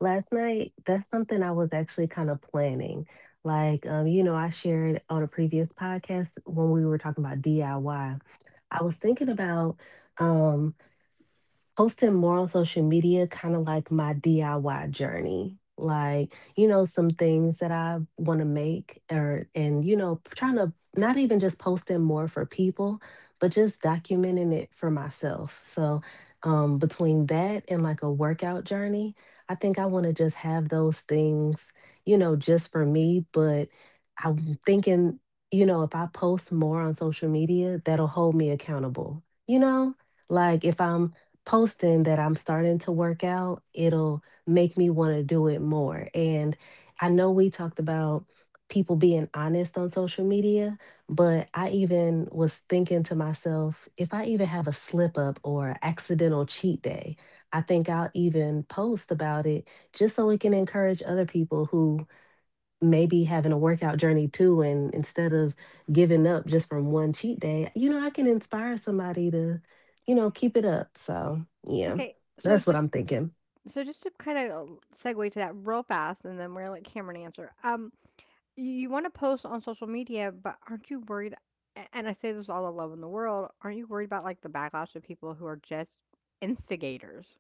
last night, that's something I was actually kind of planning. Like, I shared on a previous podcast when we were talking about DIY. I Y. I was thinking about um posting more on social media, kind of like my DIY journey. Like, some things that I want to make, or, and, you know, trying to not even just posting more for people, but just documenting it for myself. So, between that and like a workout journey, I think I want to just have those things, just for me. But I'm thinking, if I post more on social media, that'll hold me accountable, you know? Like if I'm posting that I'm starting to work out, it'll make me want to do it more. And I know we talked about people being honest on social media, but I even was thinking to myself, if I even have a slip up or a accidental cheat day, I think I'll even post about it just so it can encourage other people who maybe having a workout journey too and instead of giving up just from one cheat day, I can inspire somebody to, keep it up. So yeah, Okay, so that's what just I'm thinking. to kind of segue to that real fast, and then we're gonna let Cameron answer. You, you want to post on social media, but aren't you worried? And I say this with all the love in the world. Aren't you worried about like the backlash of people who are just instigators?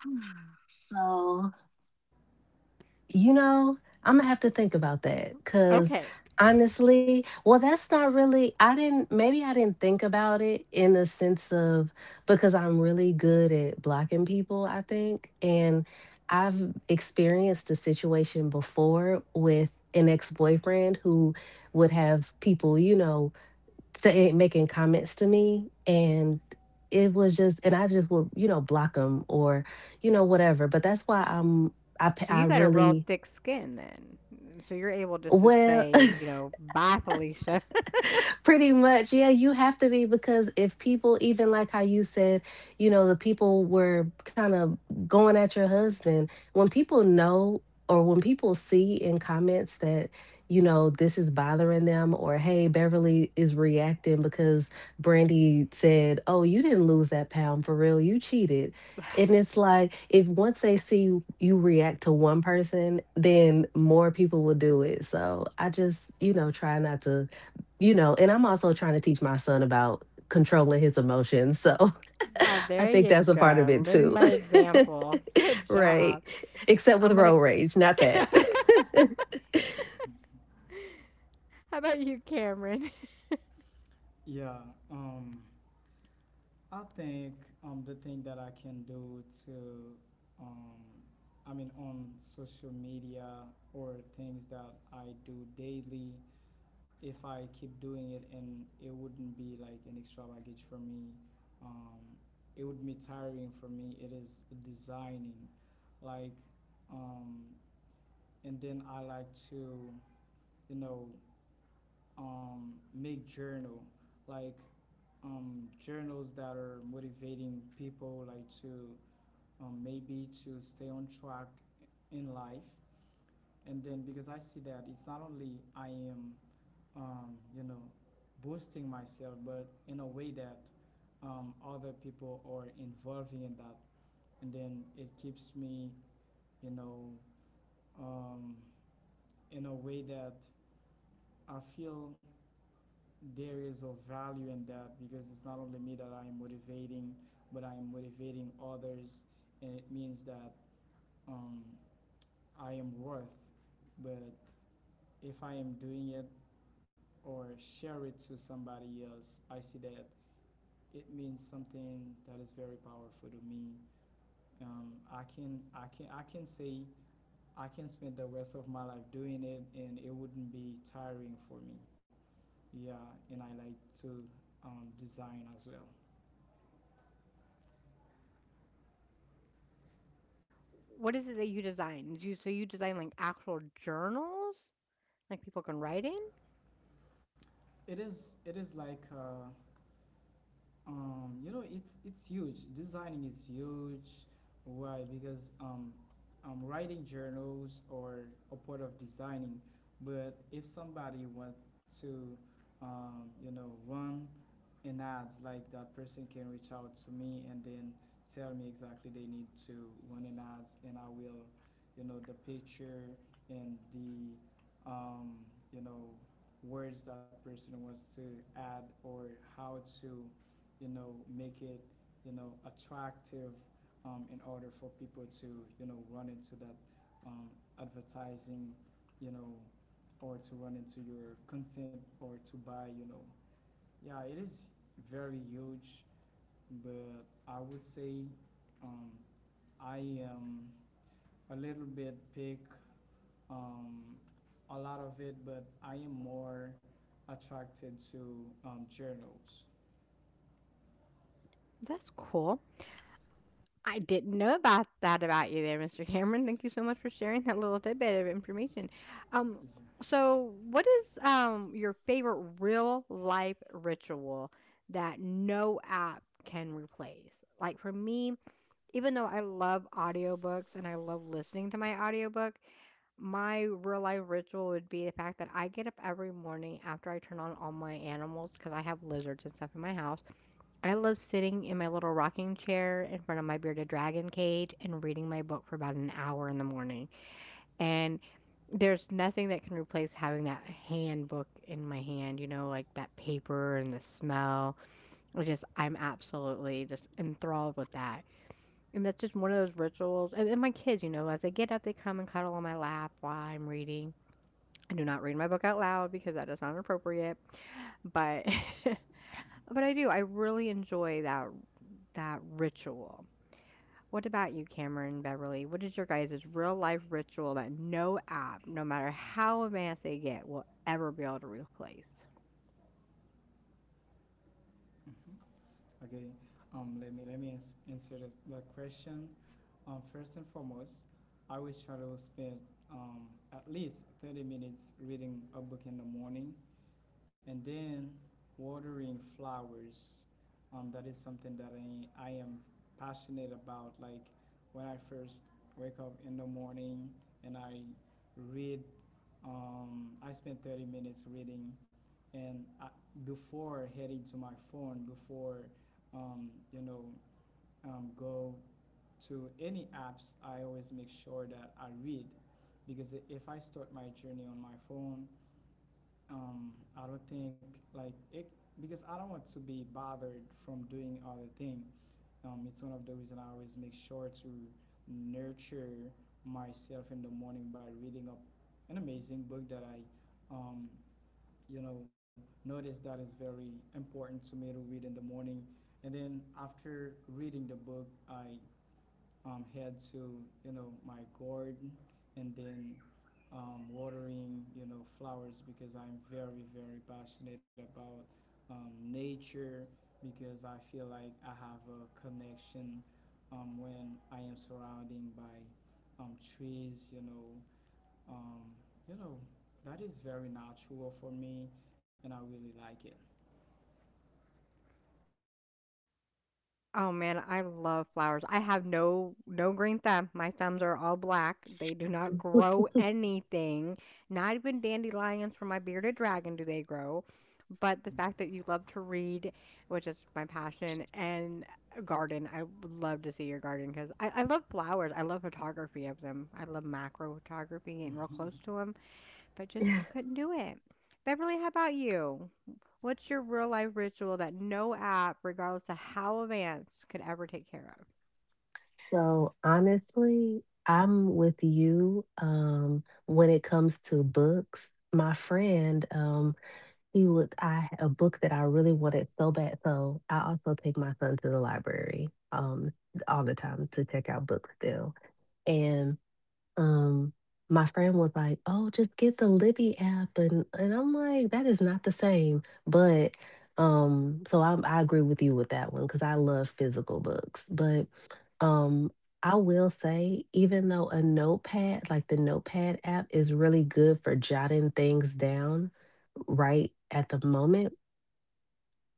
So. You know, I'm gonna have to think about that because Okay. honestly, well, that's not really, I didn't, maybe I didn't think about it in the sense of, because I'm really good at blocking people, I think. And I've experienced a situation before with an ex boyfriend who would have people, making comments to me. And it was just, and I just would, block them or, whatever. But that's why I'm, I, So p- you I got a real really. thick skin then. Mm. So you're able to just Well, say, you know, bye, Felicia. Pretty much, yeah, you have to be because if people, even like how you said, the people were kind of going at your husband, when people see in comments that, this is bothering them or hey, Beverly is reacting because Brandy said, oh, you didn't lose that pound for real, you cheated. And it's like if once they see you react to one person, then more people will do it. So I just, try not to, and I'm also trying to teach my son about controlling his emotions. So Oh, I there think you that's a part of go. it Living too. by example. Good Right. job. Except with I'm gonna. road rage, not that. How about you, Cameron? Yeah. Um, I think the thing that I can do to, um, I mean, on social media or things that I do daily, if I keep doing it and it wouldn't be like an extra baggage for me, um, it would be tiring for me. It is designing, like, um, and then I like to, you know, make journal, like journals that are motivating people, like to maybe to stay on track in life. And then because I see that it's not only I am you know boosting myself, but in a way that other people are involving in that, and then it keeps me, you know, um, in a way that I feel there is a value in that because it's not only me that I'm motivating, but I'm motivating others, and it means that um, I am worth. But if I am doing it or share it to somebody else, I see that it means something that is very powerful to me. I can say I can spend the rest of my life doing it, and it wouldn't be tiring for me. Yeah, and I like to design as well. What is it that you design? You, so you design like actual journals, like people can write in. It is like it's huge. Designing is huge. Why? Because I'm writing journals, or a part of designing. But if somebody wants to run in ads, like that person can reach out to me and then tell me exactly they need to run in ads, and I will, the picture, and the um, you know words that person wants to add, or how to make it attractive, in order for people to run into that um, advertising, you know or to run into your content or to buy. Yeah, it is very huge, but I would say um, I am a little bit pick, um, a lot of it, but I am more attracted to journals. That's cool. I didn't know about that about you there, Mr. Cameron. Thank you so much for sharing that little tidbit of information. Um, Yeah. so what is your favorite real life ritual that no app can replace? Like for me, even though I love audiobooks and I love listening to my audiobook, my real life ritual would be the fact that I get up every morning after I turn on all my animals because I have lizards and stuff in my house. I love sitting in my little rocking chair in front of my bearded dragon cage and reading my book for about an hour in the morning. And there's nothing that can replace having that handbook in my hand, you know, like that paper and the smell. I just, I'm absolutely just enthralled with that. And that's just one of those rituals. And my kids, you know, as they get up, they come and cuddle on my lap while I'm reading. I do not read my book out loud because that is not appropriate, but but I do. I really enjoy that that ritual. What about you, Cameron, Beverly? What is your guys' real life ritual that no app, no matter how advanced they get, will ever be able to replace? Mhm. Okay. Let me answer the question. First and foremost, I always try to spend um, at least 30 minutes reading a book in the morning, and then watering flowers. That is something that I am passionate about. Like when I first wake up in the morning and I read, I spend 30 minutes reading. And I, before heading to my phone, before um, you know go to any apps, I always make sure that I read, because if I start my journey on my phone, um, I don't think like it, because I don't want to be bothered from doing other thing. It's one of the reason I always make sure to nurture myself in the morning by reading up an amazing book that I, um, you know, notice that is very important to me to read in the morning. And then after reading the book, I head to my garden, and then watering, flowers, because I'm very very passionate about nature, because I feel like I have a connection when I am surrounding by um, trees. Um, you know that is very natural for me, and I really like it. Oh man, I love flowers. I have no green thumb. My thumbs are all black. They do not grow anything. Not even dandelions from my bearded dragon do they grow. But the fact that you love to read, which is my passion, and garden, I would love to see your garden because I love flowers. I love photography of them. I love macro photography, getting real close to 'em, but just I couldn't do it. Beverly, how about you? What's your real life ritual that no app, regardless of how advanced, could ever take care So honestly, I'm with you when it comes to books. My friend, he would I a book that I really wanted so bad. So I also take my son to the library all the time to check out books still. And. um, my friend was like, "Oh, just get the Libby app," and I'm like, "That is not the same." But so I agree with you with that one because I love physical books. But um, I will say, even though a notepad, like the notepad app, is really good for jotting things down right at the moment,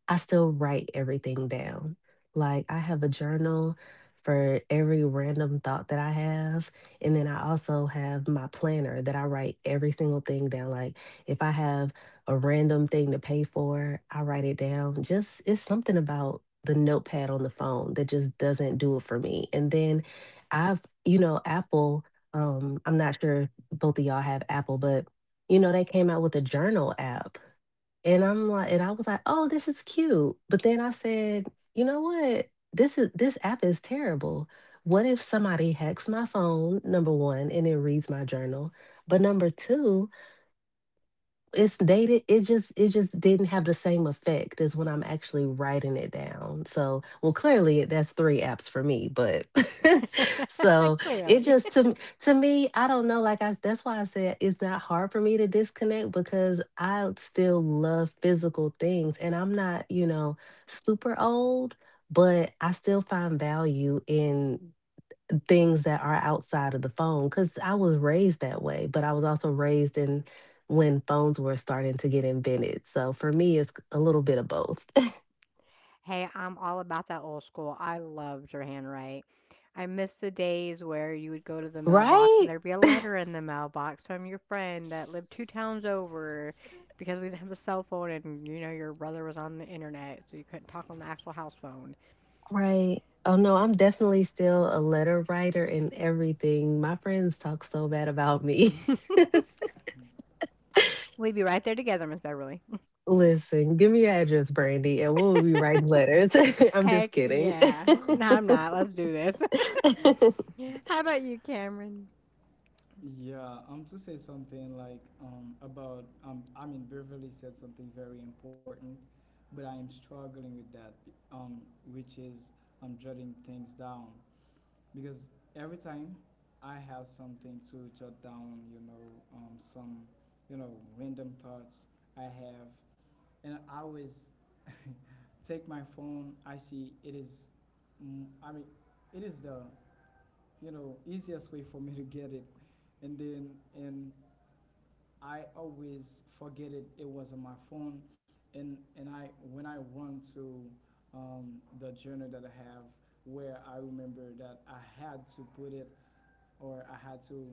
I still write everything down. Like I have a journal for every random thought that I have. And then I also have my planner that I write every single thing down. Like if I have a random thing to pay for, I write it down. Just it's something about the notepad on the phone that just doesn't do it for me. And then you know, Apple, I'm not sure if both of y'all have Apple, but they came out with a journal app and I was like, "Oh, this is cute." But then I said, "You know what? This app is terrible. What if somebody hacks my phone, number 1, and it reads my journal? But number 2, it's dated, it just didn't have the same effect as when I'm actually writing it down. So, well, clearly that's three apps for me. But. of? So it Clearly. just to m- to me, I don't know. Like, I that's why I said it's not hard for me to disconnect because I still love physical things and I'm not, super old, but I still find value in things that are outside of the phone because I was raised that way, but I was also raised in when phones were starting to get invented. So for me, it's a little bit of both. Hey, I'm all about that old school. I loved your handwrite. I miss the days where you would go to the mailbox and Right? there'd be a letter in the mailbox from your friend that lived two towns over because we didn't have a cell phone, and you know, your brother was on the internet, so you couldn't talk on the actual house phone. Right. Oh no, I'm definitely still a letter writer and everything. My friends talk so bad about me. We'd be right there together, Miss Beverly. Listen, give me your address, Brandy, and we'll be writing letters. I'm just Heck kidding. yeah. No, I'm not. Let's do this. How about you, Cameron? Yeah, to say something like, I mean, Beverly said something very important, but I am struggling with that, which is I'm jotting things down. Because every time I have something to jot down, some, you know, random thoughts I have, and I always take my phone. I see it is, I mean, it is the, easiest way for me to get it, and then and I always forget it. It was on my phone, and I when I run to the journal that I have, where I remember that I had to put it, or I had to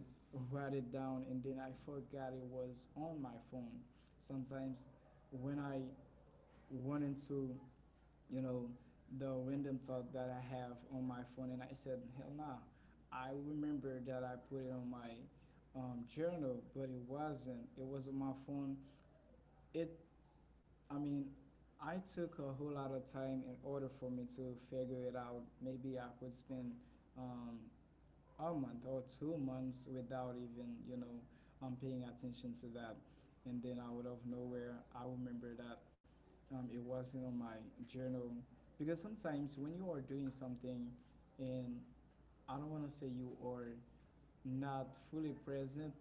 write it down, and then I forgot it was on my phone. Sometimes when I run into, you know the random thought that I have on my phone, and I said, hell nah, I remember that I put it on my journal, but it wasn't. It was on my phone. It I mean, I took a whole lot of time in order for me to figure it out. Maybe I would spend um, a month or 2 months without even, paying attention to that. And then out of nowhere I remember that, it wasn't on my journal. Because sometimes when you are doing something, and I don't want to say you are not fully present,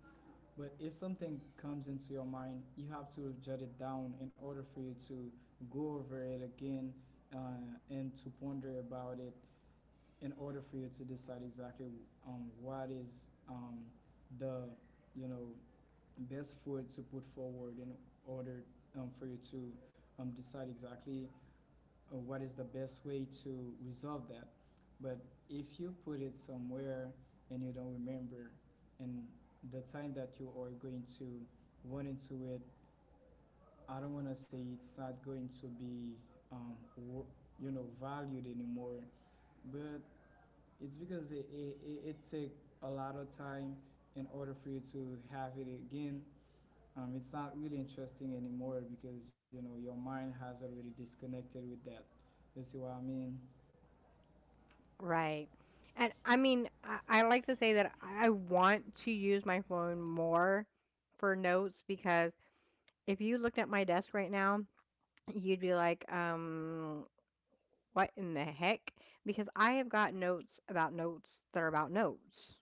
but if something comes into your mind, you have to jot it down in order for you to go over it again, and to ponder about it, in order for you to decide exactly what is the you know best foot to put forward, in order for you to decide exactly, or what is the best way to resolve that. But if you put it somewhere and you don't remember, and the time that you are going to run into it, I don't want to say it's not going to be, um, wor- valued anymore. But it's because it takes a lot of time in order for you to have it again. It's not really interesting anymore, because you know your mind has already disconnected with that. You see what I mean? Right. And I mean, I like to say that I want to use my phone more for notes because if you looked at my desk right now, you'd be like, what in the heck? Because I have got notes about notes that are about notes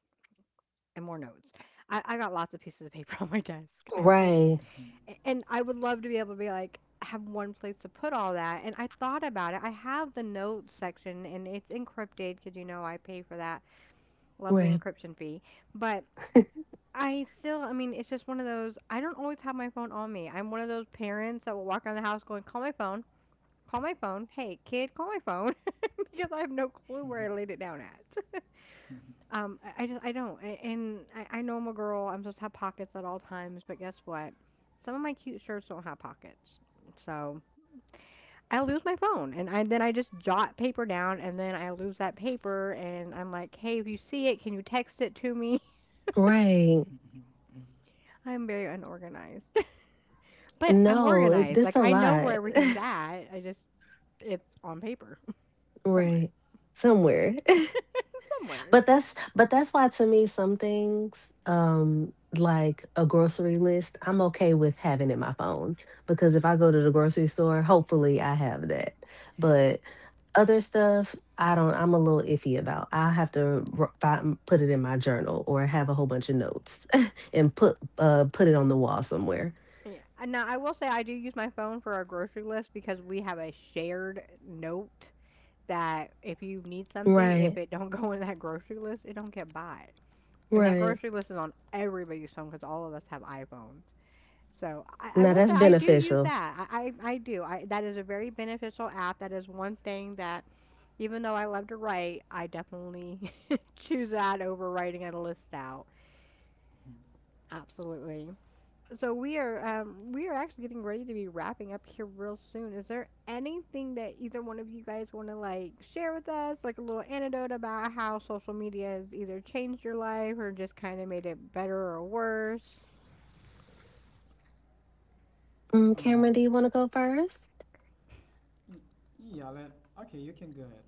and more notes. I got lots of pieces of paper on my desk. I, Right. A and I would love to be able to be like, have one place to put all that, and I thought about it. I have the notes section and it's encrypted because you know, I pay for that lovely Right. encryption fee, but I still, I mean, it's just one of those, I don't always have my phone on me. I'm one of those parents that will walk around the house going, "Call my phone. Call my phone. Hey, kid, call my phone," because I have no clue where I laid it down at. I just I don't, a and I know I'm a girl, I'm supposed to have pockets at all times, but guess what? Some of my cute shirts don't have pockets, so I lose my phone, and I then I just jot paper down and then I lose that paper and I'm like, "Hey, if you see it, can you text it to me?" Right. I'm very unorganized, but I'm No, organized. this Like a I know where lot. everything's at. I just, it's on paper somewhere. Right. Somewhere. Somewhere. But that's why to me some things, like a grocery list, I'm okay with having in my phone because if I go to the grocery store, hopefully I have that. But other stuff, I don't I'm a little iffy about. I have to put it in my journal or have a whole bunch of notes and put it on the wall somewhere. Yeah. And now I will say I do use my phone for our grocery list because we have a shared note that if you need something, if Right. it don't go in that grocery list, it don't get by. And that Right. grocery list is on everybody's phone because all of us have iPhones. So I Now will say that's I do use beneficial. that. I do. I, that is a very beneficial app. That is one thing that even though I love to write, I definitely choose that over writing a list out. Hmm. Absolutely. So we are, we are actually getting ready to be wrapping up here real soon. Is there anything that either one of you guys want to like share with us, like a little anecdote about how social media has either changed your life or just kind of made it better or worse? Uh, Cameron, do you want to go first? y- yeah, okay, you can go ahead.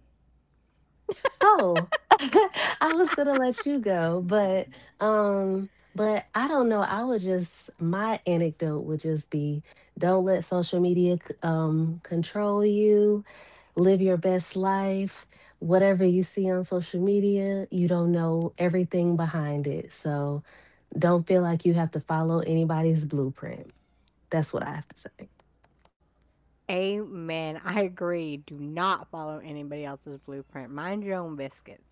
Oh, I was gonna let you go, but but I don't know. I would just My anecdote would just be, don't let social media control you. Live your best life. Whatever you see on social media, you don't know everything behind it. So don't feel like you have to follow anybody's blueprint. That's what I have to say. Amen. I agree. Do not follow anybody else's blueprint. Mind your own biscuits.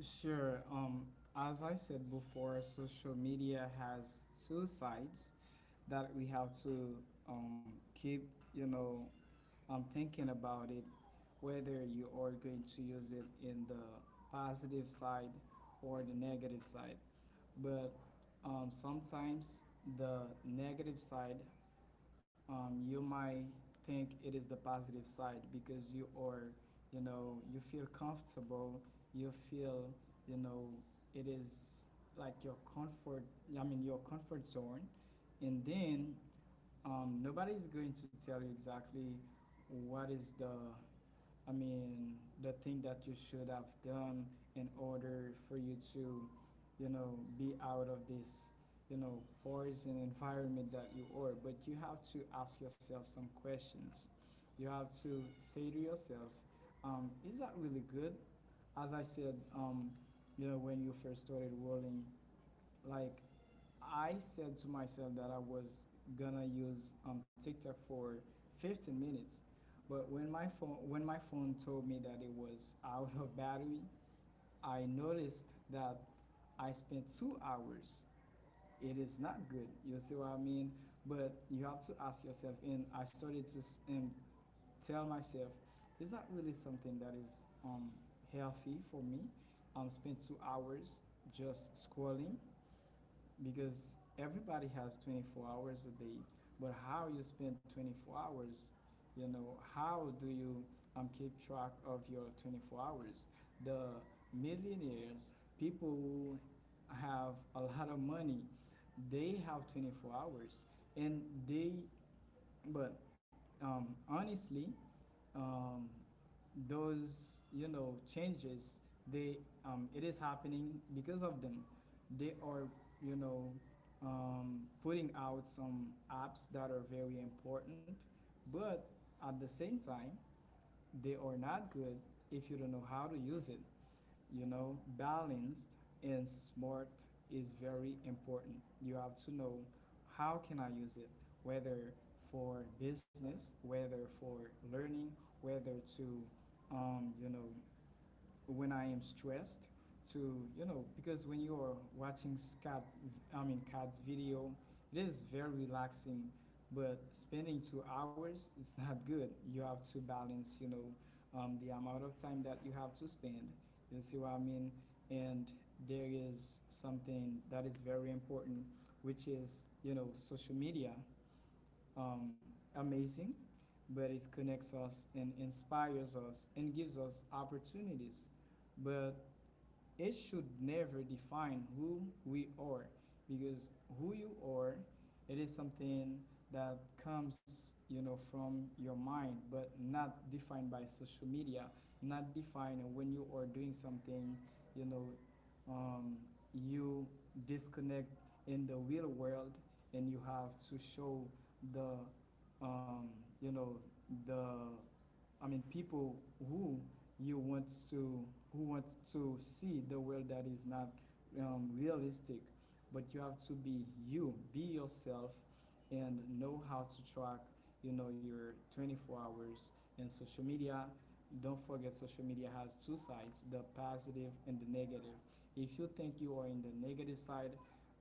Sure. As I said before, social media has two sides that we have to um, keep, you know, thinking about it, whether you are going to use it in the positive side or the negative side. But sometimes the negative side, you might think it is the positive side, because you are, you know, you feel comfortable, you feel, you know, it is like your comfort, I mean, your comfort zone. And then nobody's going to tell you exactly what is the I mean, the thing that you should have done in order for you to, you know, be out of this, you know, poison environment that you are. But you have to ask yourself some questions. You have to say to yourself, is that really good? As I said, when you first started rolling, like, I said to myself that I was gonna use TikTok for 15 minutes, but when my phone told me that it was out of battery, I noticed that I spent 2 hours. It is not good. You see what I mean? But you have to ask yourself. And I started to and tell myself, is that really something that is healthy for me? Spend 2 hours just scrolling, because everybody has 24 hours a day. But how you spend 24 hours, how do you keep track of your 24 hours? The millionaires, people who have a lot of money, they have 24 hours, and they, but honestly, um, those, changes, they, it is happening because of them. They are, you know putting out some apps that are very important, but at the same time they are not good if you don't know how to use it. Balanced and smart is very important. You have to know how can I use it, whether for business, whether for learning, whether to, um, you know when I am stressed, to, because when you are watching Scott I mean Cat's video, it is very relaxing. But spending 2 hours, it's not good. You have to balance, the amount of time that you have to spend. You see what I mean? And there is something that is very important, which is, social media, um, amazing, but it connects us and inspires us and gives us opportunities. But it should never define who we are, because who you are, it is something that comes, you know, from your mind, but not defined by social media, not defined when you are doing something. you know, um, you disconnect in the real world, and you have to show the um, you know the I mean, people who you want to who want to see the world that is not realistic. But you have to be you, be yourself, and know how to track. You know, your 24 hours and social media. Don't forget, social media has two sides: the positive and the negative. If you think you are in the negative side,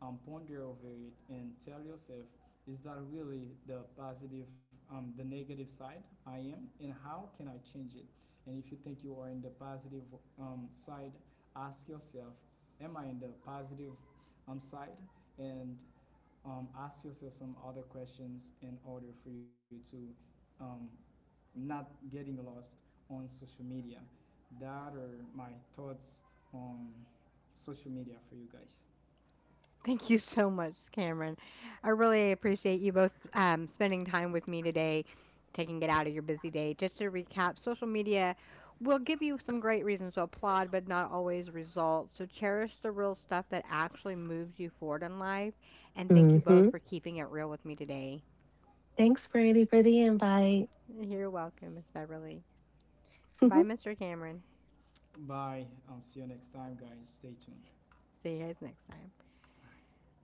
ponder over it and tell yourself, is that really the negative side I am, and how can I change it? And if you think you are in the positive side, ask yourself, am I in the positive side? And ask yourself some other questions in order for you to um, not getting lost on social media. That are my thoughts on social media for you guys. Thank you so much, Cameron. I really appreciate you both spending time with me today, taking it out of your busy day. Just to recap, social media will give you some great reasons to applaud, but not always results. So cherish the real stuff that actually moves you forward in life. And thank you Mm-hmm. both for keeping it real with me today. Thanks, Brandy, for the invite. You're welcome, Miss Beverly. Bye, Mr. Cameron. Bye. See you next time, guys. Stay tuned. See you guys next time. Bye.